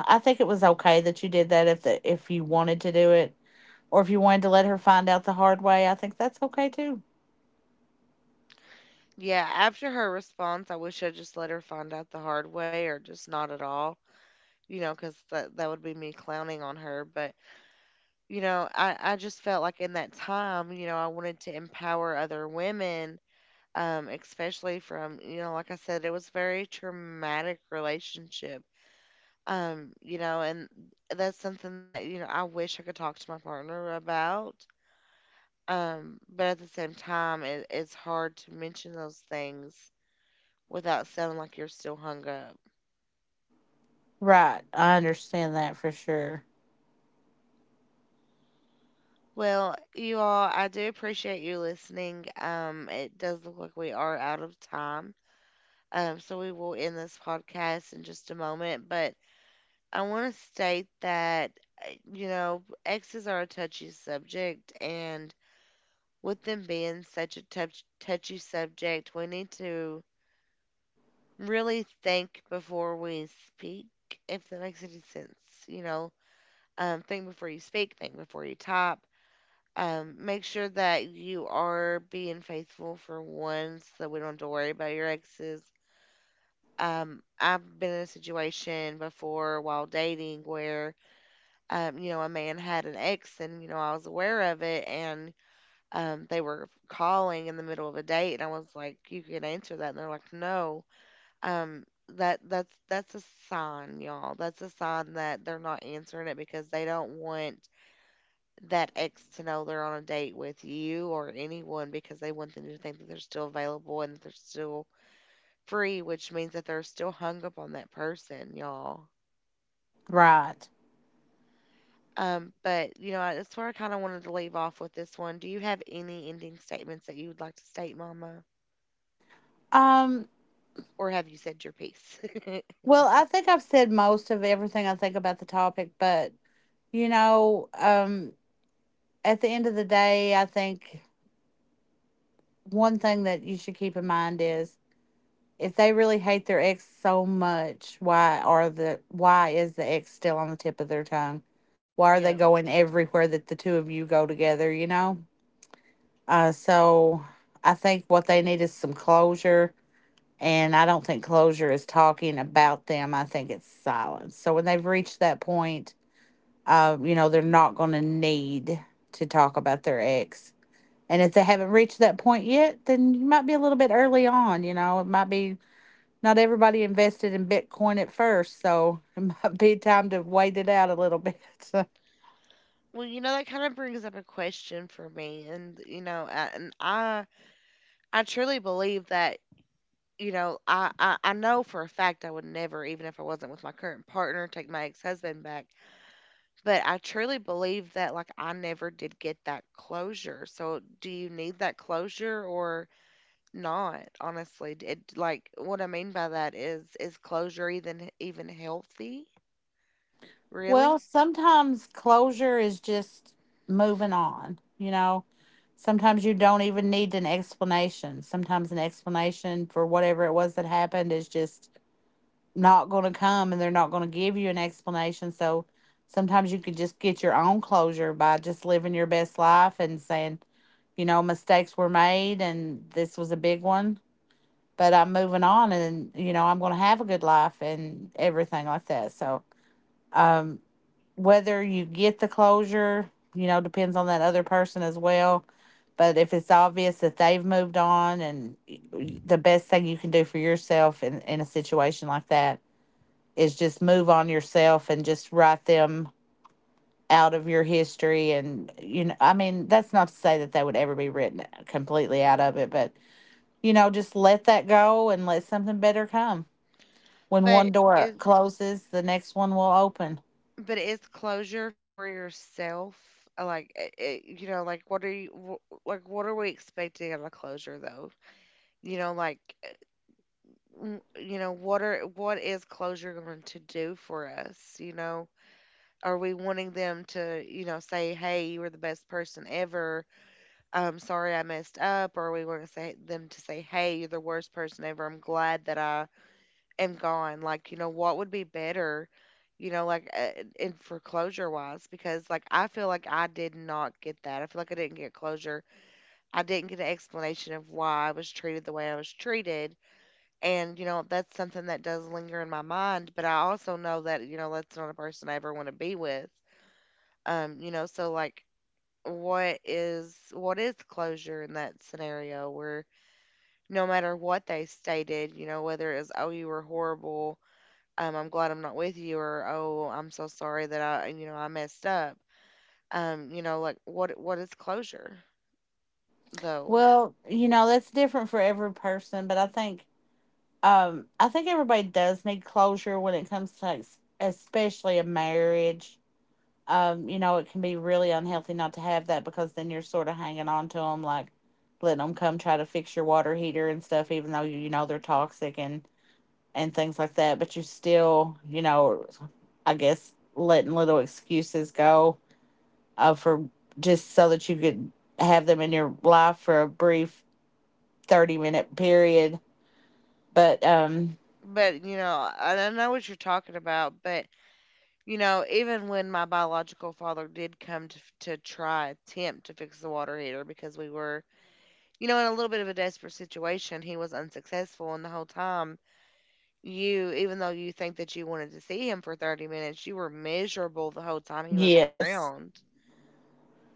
S2: I think it was okay that you did that, if the if you wanted to do it, or if you wanted to let her find out the hard way. I think that's okay too.
S1: Yeah, after her response, I wish I just let her find out the hard way or just not at all, you know, because that would be me clowning on her. But you know, I just felt like in that time, you know, I wanted to empower other women, especially from, you know, like I said, it was a very traumatic relationship. And that's something that, you know, I wish I could talk to my partner about. But at the same time, it's hard to mention those things without sounding like you're still hung up.
S2: Right. I understand that for sure.
S1: Well, you all, I do appreciate you listening. It does look like we are out of time. So we will end this podcast in just a moment, but I want to state that, you know, exes are a touchy subject, and with them being such a touchy subject, we need to really think before we speak, if that makes any sense. You know, think before you speak, think before you type. Make sure that you are being faithful for one, so that we don't have to worry about your exes. I've been in a situation before while dating where, you know, a man had an ex, and you know, I was aware of it, and they were calling in the middle of a date, and I was like, you can answer that. And they're like, no. Um, that's a sign, y'all. That's a sign that they're not answering it because they don't want that ex to know they're on a date with you or anyone, because they want them to think that they're still available and that they're still free, which means that they're still hung up on that person, y'all.
S2: Right.
S1: But you know, that's where I kind of wanted to leave off with this one. Do you have any ending statements that you would like to state, Mama,
S2: Um,
S1: or have you said your piece? [laughs]
S2: Well, I think I've said most of everything I think about the topic, but you know, at the end of the day, I think one thing that you should keep in mind is, if they really hate their ex so much, why are the why is the ex still on the tip of their tongue? Why
S1: Yeah.
S2: are they going everywhere that the two of you go together, you know? So I think what they need is some closure. And I don't think closure is talking about them. I think it's silence. So when they've reached that point, you know, they're not going to need to talk about their ex. And if they haven't reached that point yet, then you might be a little bit early on. You know, it might be, not everybody invested in Bitcoin at first. So [laughs] it might be time to wait it out a little bit. [laughs]
S1: Well, you know, that kind of brings up a question for me, and you know, I- and I I truly believe that, you know, I know for a fact I would never, even if I wasn't with my current partner, take my ex husband back. But I truly believe that, like, I never did get that closure. So, do you need that closure or not? Honestly, like what I mean by that is closure even healthy?
S2: Well,
S1: Really?
S2: sometimes closure is just moving on. You know, sometimes you don't even need an explanation. Sometimes an explanation for whatever it was that happened is just not going to come, and they're not going to give you an explanation. So sometimes you can just get your own closure by just living your best life and saying, you know, mistakes were made and this was a big one, but I'm moving on, and, you know, I'm going to have a good life and everything like that. So, um, whether you get the closure, you know, depends on that other person as well. But if it's obvious that they've moved on, and the best thing you can do for yourself in a situation like that is just move on yourself, and just write them out of your history. And you know, I mean, that's not to say that they would ever be written completely out of it, but you know, just let that go and let something better come. When one
S1: But
S2: door
S1: is
S2: closes, the next one will open.
S1: but is closure for yourself? Like, I you know, like, what are like? What are we expecting out of closure, though? You know, like, uh, you know, what are, what is closure going to do for us? You know, are we wanting them to, you know, say, "Hey, you were the best person ever. I'm sorry I messed up," or are we want to say them to say, "Hey, you're the worst person ever. I'm glad that I am gone." Like, you know, what would be better, you know, like, in for closure wise? Because like, I feel like I did not get that. I feel like I didn't get closure. I didn't get an explanation of why I was treated the way I was treated. And, you know, that's something that does linger in my mind, but I also know that, you know, that's not a person I ever want to be with. You know, so like, what is closure in that scenario where no matter what they stated, you know, whether it was, oh, you were horrible, I'm glad I'm not with you, or, oh, I'm so sorry that I, you know, I messed up. You know, like, what is closure, though?
S2: Well, you know, that's different for every person, but I think, I think everybody does need closure when it comes to, like, especially a marriage. You know, it can be really unhealthy not to have that, because then you're sort of hanging on to them, like letting them come try to fix your water heater and stuff, even though you know, they're toxic, and things like that. But you still, you know, I guess letting little excuses go for just so that you could have them in your life for a brief 30 minute period. But
S1: But you know, I don't know what you're talking about, but you know, even when my biological father did come to, to try attempt to fix the water heater because we were, you know, in a little bit of a desperate situation, he was unsuccessful, and the whole time, you, even though you think that you wanted to see him for 30 minutes, you were miserable the whole time he was
S2: yes.
S1: around,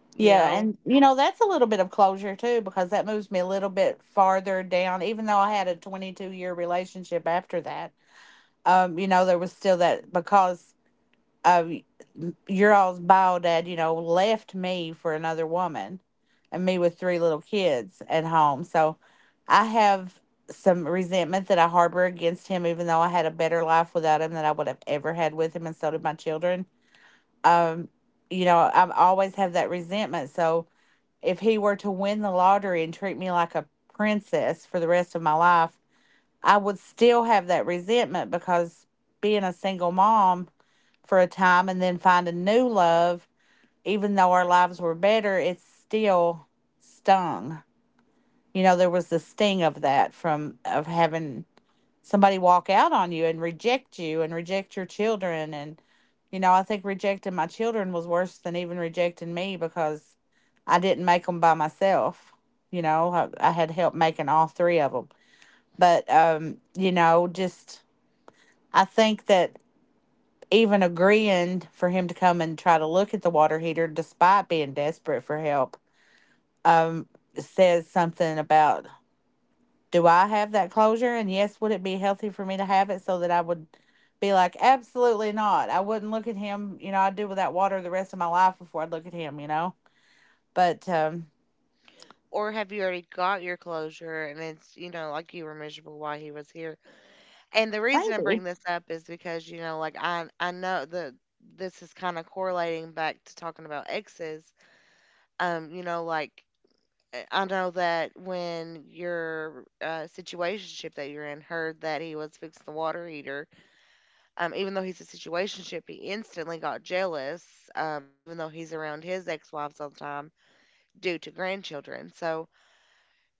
S1: you
S2: Yeah,
S1: know?
S2: and you know, that's a little bit of closure too, because that moves me a little bit farther down, even though I had a 22-year relationship after that. You know, there was still that, because uh your all's bio dad, you know, left me for another woman and me with 3 little kids at home. So I have some resentment that I harbor against him, even though I had a better life without him than I would have ever had with him, and so did my children. Um, you know, I always have that resentment. So if he were to win the lottery and treat me like a princess for the rest of my life, I would still have that resentment, because being a single mom for a time and then find a new love, even though our lives were better, it still stung. You know, there was the sting of that from of having somebody walk out on you and reject your children. And you know, I think rejecting my children was worse than even rejecting me because I didn't make them by myself. you know I had help making all three of them. But you know just I think that even agreeing for him to come and try to look at the water heater despite being desperate for help um says something about, do I have that closure? And yes, would it be healthy for me to have it so that I would be like, absolutely not. I wouldn't look at him. You know, I'd do without water the rest of my life before I'd look at him, you know? But
S1: Or have you already got your closure, and it's, you know, like, you were miserable while he was here? And the reason I bring
S2: maybe.
S1: this up is because, you know, like, I know that this is kind of correlating back to talking about exes. You know, like, I know that when your situationship that you're in heard that he was fixing the water heater, even though he's a situationship, he instantly got jealous, even though he's around his ex-wives all the time due to grandchildren. So,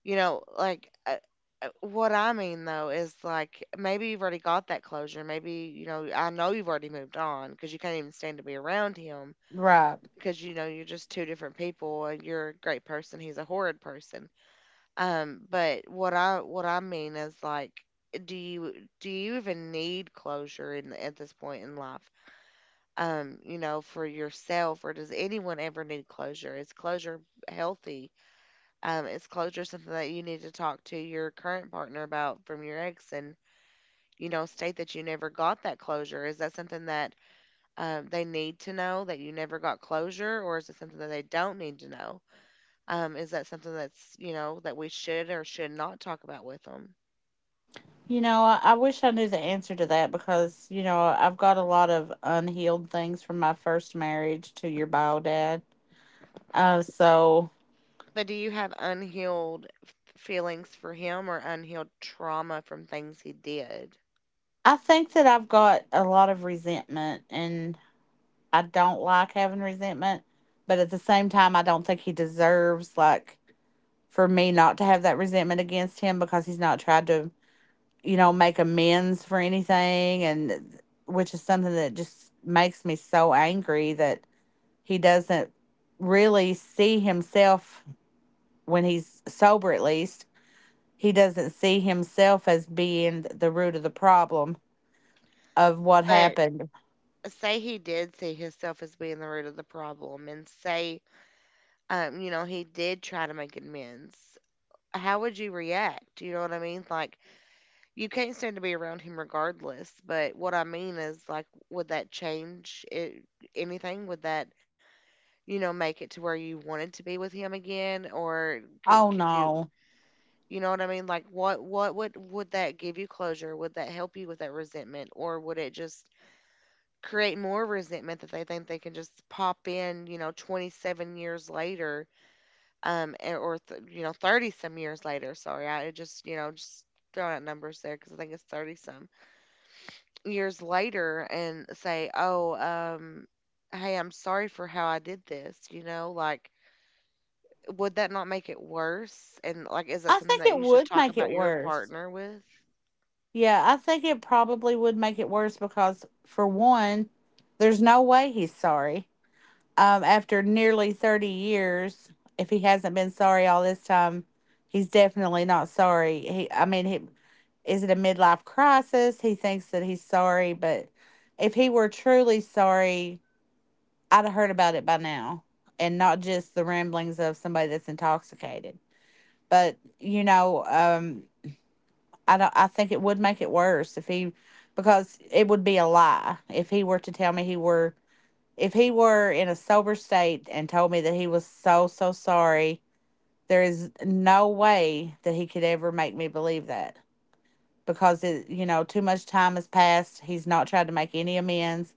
S1: you know, like, what I mean though is, like, maybe you've already got that closure. Maybe, you know, I know you've already moved on because you can't even stand to be around him
S2: Right.
S1: because, you know, you're just two different people, and you're a great person, he's a horrid person. But what I mean is, like, do you, do you even need closure in at this point in life? You know, for yourself, or does anyone ever need closure? Is closure healthy? Is closure something that you need to talk to your current partner about from your ex and you know state that you never got that closure? Is that something that they need to know that you never got closure, or is it something that they don't need to know? Is that something that's you know that we should or should not talk about with them?
S2: You know, I wish I knew the answer to that because, you know, I've got a lot of unhealed things from my first marriage to your bio dad. So
S1: But do you have unhealed feelings for him or unhealed trauma from things he did?
S2: I think that I've got a lot of resentment and I don't like having resentment, but at the same time, I don't think he deserves, like, for me not to have that resentment against him because he's not tried to, you know, make amends for anything, and which is something that just makes me so angry that he doesn't really see himself when he's sober, at least. He doesn't see himself as being the root of the problem of what
S1: But
S2: happened.
S1: say he did see himself as being the root of the problem, and say, he did try to make amends. How would you react? You know what I mean? Like, you can't stand to be around him regardless. But what I mean is, like, would that change it, anything? Would that, make it to where you wanted to be with him again? Or
S2: Oh
S1: could you,
S2: no.
S1: you know what I mean? Like what would that give you closure? Would that help you with that resentment, or would it just create more resentment that they think they can just pop in, 27 years later 30 some years later, sorry. I just, just throwing out numbers there because I think it's 30 some years later and say, "Oh, hey, I'm sorry for how I did this." You know, like would that not make it worse? And like, is that
S2: I
S1: something
S2: think
S1: that
S2: it
S1: you should
S2: would
S1: talk
S2: make it
S1: about your
S2: worse.
S1: partner with?
S2: Yeah, I think it probably would make it worse because, for one, there's no way he's sorry. After nearly 30 years, if he hasn't been sorry all this time, he's definitely not sorry. He, I mean, he, is it a midlife crisis? He thinks that he's sorry, but if he were truly sorry, I'd have heard about it by now and not just the ramblings of somebody that's intoxicated. But, you know, I don't. I think it would make it worse if he, because it would be a lie if he were to tell me he were, if he were in a sober state and told me that he was so so sorry. There is no way that he could ever make me believe that because, it you know, too much time has passed. He's not tried to make any amends.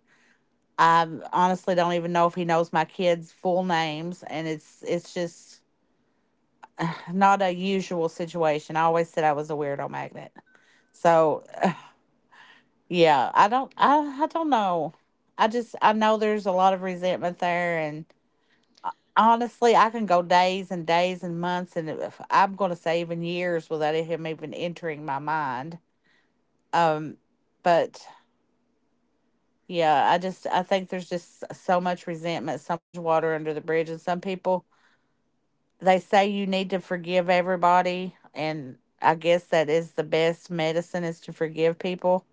S2: I honestly don't even know if he knows my kids' full names, and it's just not a usual situation. I always said I was a weirdo magnet. So yeah, I don't know. I know there's a lot of resentment there and honestly, I can go days and days and months and, if, I'm going to say, even years without him even entering my mind. Um but yeah, I think there's just so much resentment, so much water under the bridge, and some people, they say you need to forgive everybody, and I guess that is the best medicine, is to forgive people,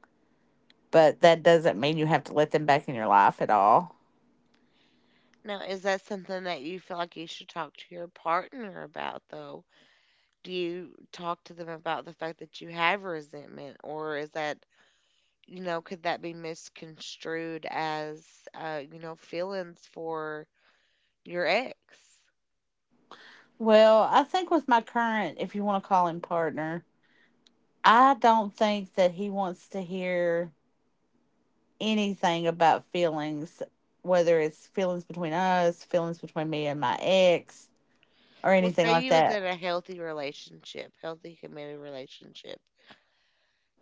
S2: but that doesn't mean you have to let them back in your life at all.
S1: Now, is that something that you feel like you should talk to your partner about, though? Do you talk to them about the fact that you have resentment, or is that, could that be misconstrued as, feelings for your ex?
S2: Well, I think with my current, if you want to call him partner, I don't think that he wants to hear anything about feelings, whether it's feelings between us, feelings between me and my ex, or
S1: Well,
S2: anything
S1: say
S2: like
S1: you was
S2: that.
S1: in a healthy relationship, healthy committed relationship.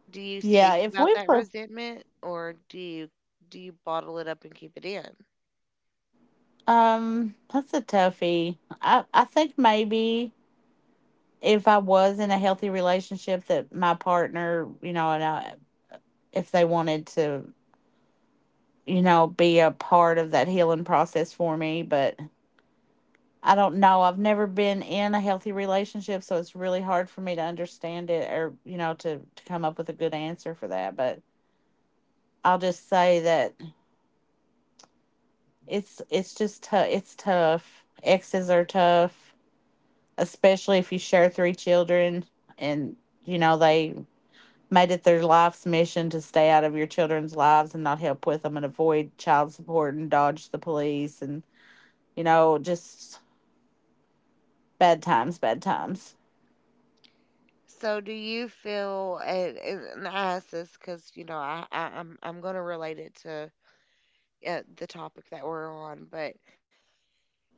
S1: Do you
S2: Yeah,
S1: speak
S2: if
S1: about
S2: we
S1: that
S2: were,
S1: resentment, or do you bottle it up and keep it in?
S2: that's a toughie. I think maybe if I was in a healthy relationship, that my partner, you know, and I, if they wanted to, you know, be a part of that healing process for me, but I don't know. I've never been in a healthy relationship, so it's really hard for me to understand it or, you know, to come up with a good answer for that. But I'll just say that it's just tough. It's tough. Exes are tough, especially if you share three children and, you know, they made it their life's mission to stay out of your children's lives and not help with them and avoid child support and dodge the police and, you know, just bad times, bad times.
S1: So do you feel, and I ask this because I'm gonna relate it to the topic that we're on, but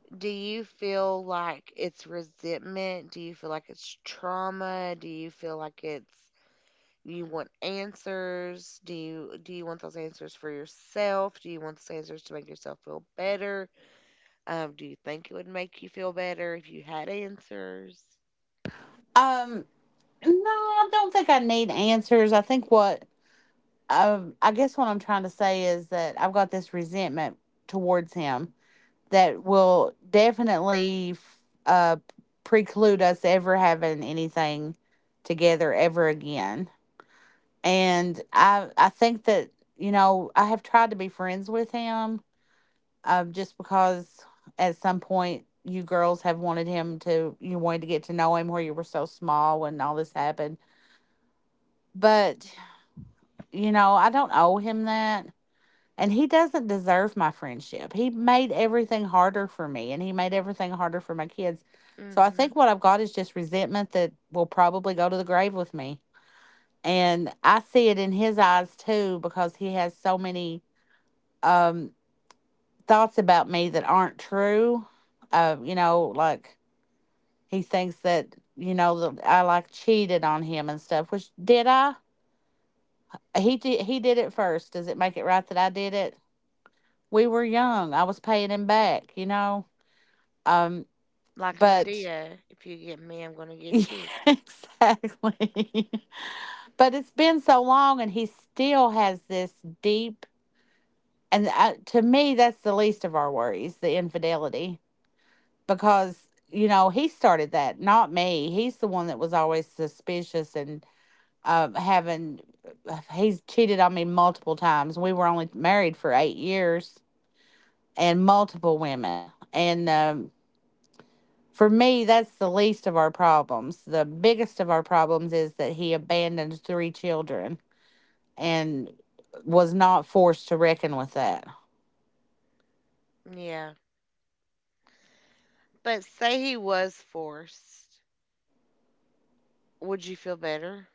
S1: do you feel like it's resentment? Do you feel like it's trauma? Do you feel like it's you want answers? Do you want those answers for yourself? Do you want those answers to make yourself feel better? Do you think it would make you feel better if you had answers?
S2: Um No, I don't think I need answers. I think what I guess what I'm trying to say is that I've got this resentment towards him that will definitely uh, preclude us ever having anything together ever again. And I think that, you know, I have tried to be friends with him, just because at some point you girls have wanted him to, you wanted to get to know him, where you were so small when all this happened. But you know, I don't owe him that. And he doesn't deserve my friendship. He made everything harder for me and he made everything harder for my kids. So I
S1: Hmm.
S2: think what I've got is just resentment that will probably go to the grave with me. And I see it in his eyes too because he has so many um, thoughts about me that aren't true. You know, like he thinks that, you know, that I like cheated on him and stuff, which, did I? He did it first. Does it make it right that I did it? We were young. I was paying him back, you know. Um,
S1: Like
S2: but
S1: Medea, if you get me, I'm gonna
S2: [laughs] yeah,
S1: get you.
S2: exactly. [laughs] But it's been so long, and he still has this deep. And I, to me, that's the least of our worries, the infidelity, because you know he started that, not me. He's the one that was always suspicious and having. He's cheated on me multiple times. We were only married for 8 years, and multiple women, and for me, that's the least of our problems. The biggest of our problems is that he abandoned three children and was not forced to reckon with that.
S1: Yeah. But say he was forced. Would you feel better?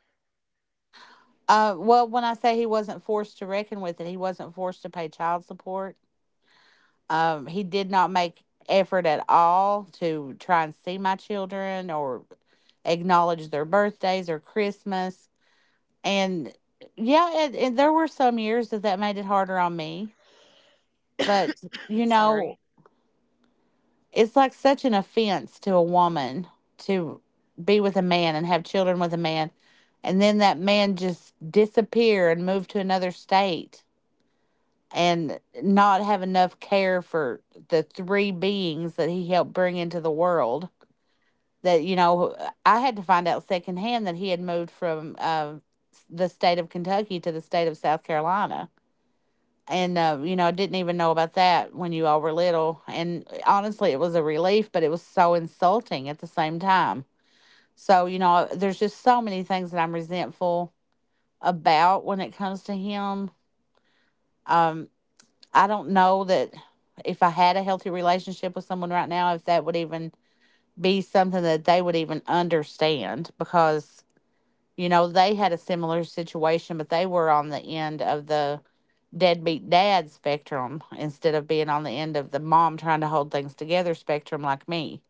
S2: Well, when I say he wasn't forced to reckon with it, he wasn't forced to pay child support. He did not make effort at all to try and see my children or acknowledge their birthdays or Christmas. And yeah, and there were some years that that made it harder on me. But you
S1: [laughs]
S2: know,
S1: Sorry.
S2: it's like such an offense to a woman to be with a man and have children with a man, and then that man just disappear and move to another state and not have enough care for the three beings that he helped bring into the world. That, you know, I had to find out secondhand that he had moved from the state of Kentucky to the state of South Carolina and you know, I didn't even know about that when you all were little. And honestly, it was a relief, but it was so insulting at the same time. So you know, there's just so many things that I'm resentful about when it comes to him. Um, I don't know that if I had a healthy relationship with someone right now, if that would even be something that they would even understand because you know they had a similar situation, but they were on the end of the deadbeat dad spectrum instead of being on the end of the mom trying to hold things together spectrum like me.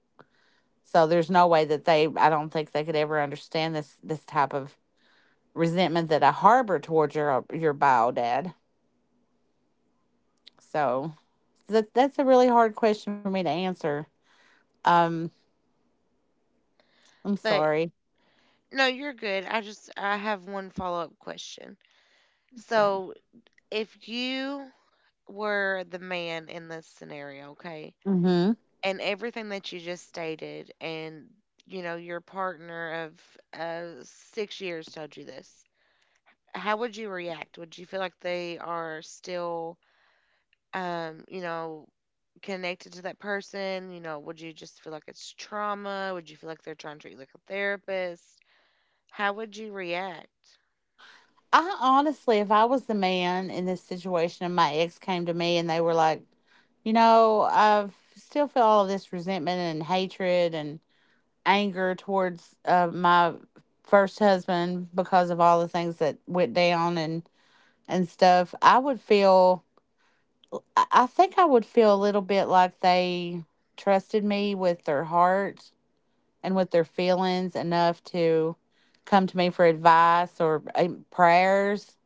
S2: So there's no way that they I don't think they could ever understand this this type of resentment that I harbor towards your bio dad. So that's a really hard question for me to answer. Um I'm
S1: But
S2: sorry.
S1: no, you're good. I have one follow-up question.
S2: Okay.
S1: So, if you were the man in this scenario, okay?
S2: Mhm.
S1: And everything that you just stated, and your partner of 6 years told you this. How would you react? Would you feel like they are still um, you know, connected to that person? You know, would you just feel like it's trauma? Would you feel like they're trying to treat you like a therapist? How would you react?
S2: I honestly, if I was the man in this situation and my ex came to me and they were like, "You know, I still feel all of this resentment and hatred and anger towards my first husband because of all the things that went down and stuff," I would feel, I would feel a little bit like they trusted me with their heart and with their feelings enough to come to me for advice or prayers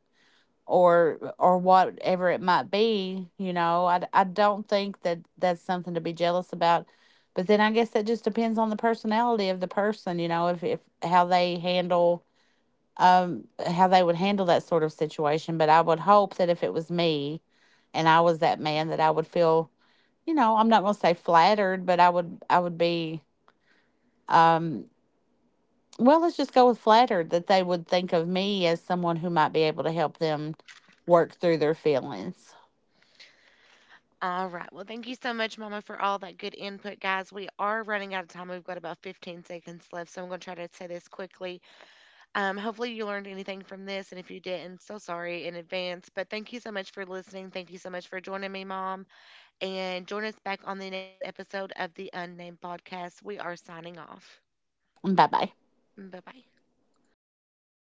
S2: or whatever it might be. You know, I don't think that that's something to be jealous about. But then I guess that just depends on the personality of the person. You know, if how they handle how they would handle that sort of situation. But I would hope that if it was me and I was that man, that I would feel, you know, I'm not going to say flattered, but I would be, well, let's just go with flattered, that they would think of me as someone who might be able to help them work through their feelings.
S1: All right. Well, thank you so much, Mama, for all that good input, guys. We are running out of time. We've got about 15 seconds left, so I'm going to try to say this quickly. Hopefully, you learned anything from this, and if you didn't, so sorry in advance. But thank you so much for listening. Thank you so much for joining me, Mom. And join us back on the next episode of the Unnamed Podcast. We are signing off.
S2: Bye bye.
S1: Bye bye.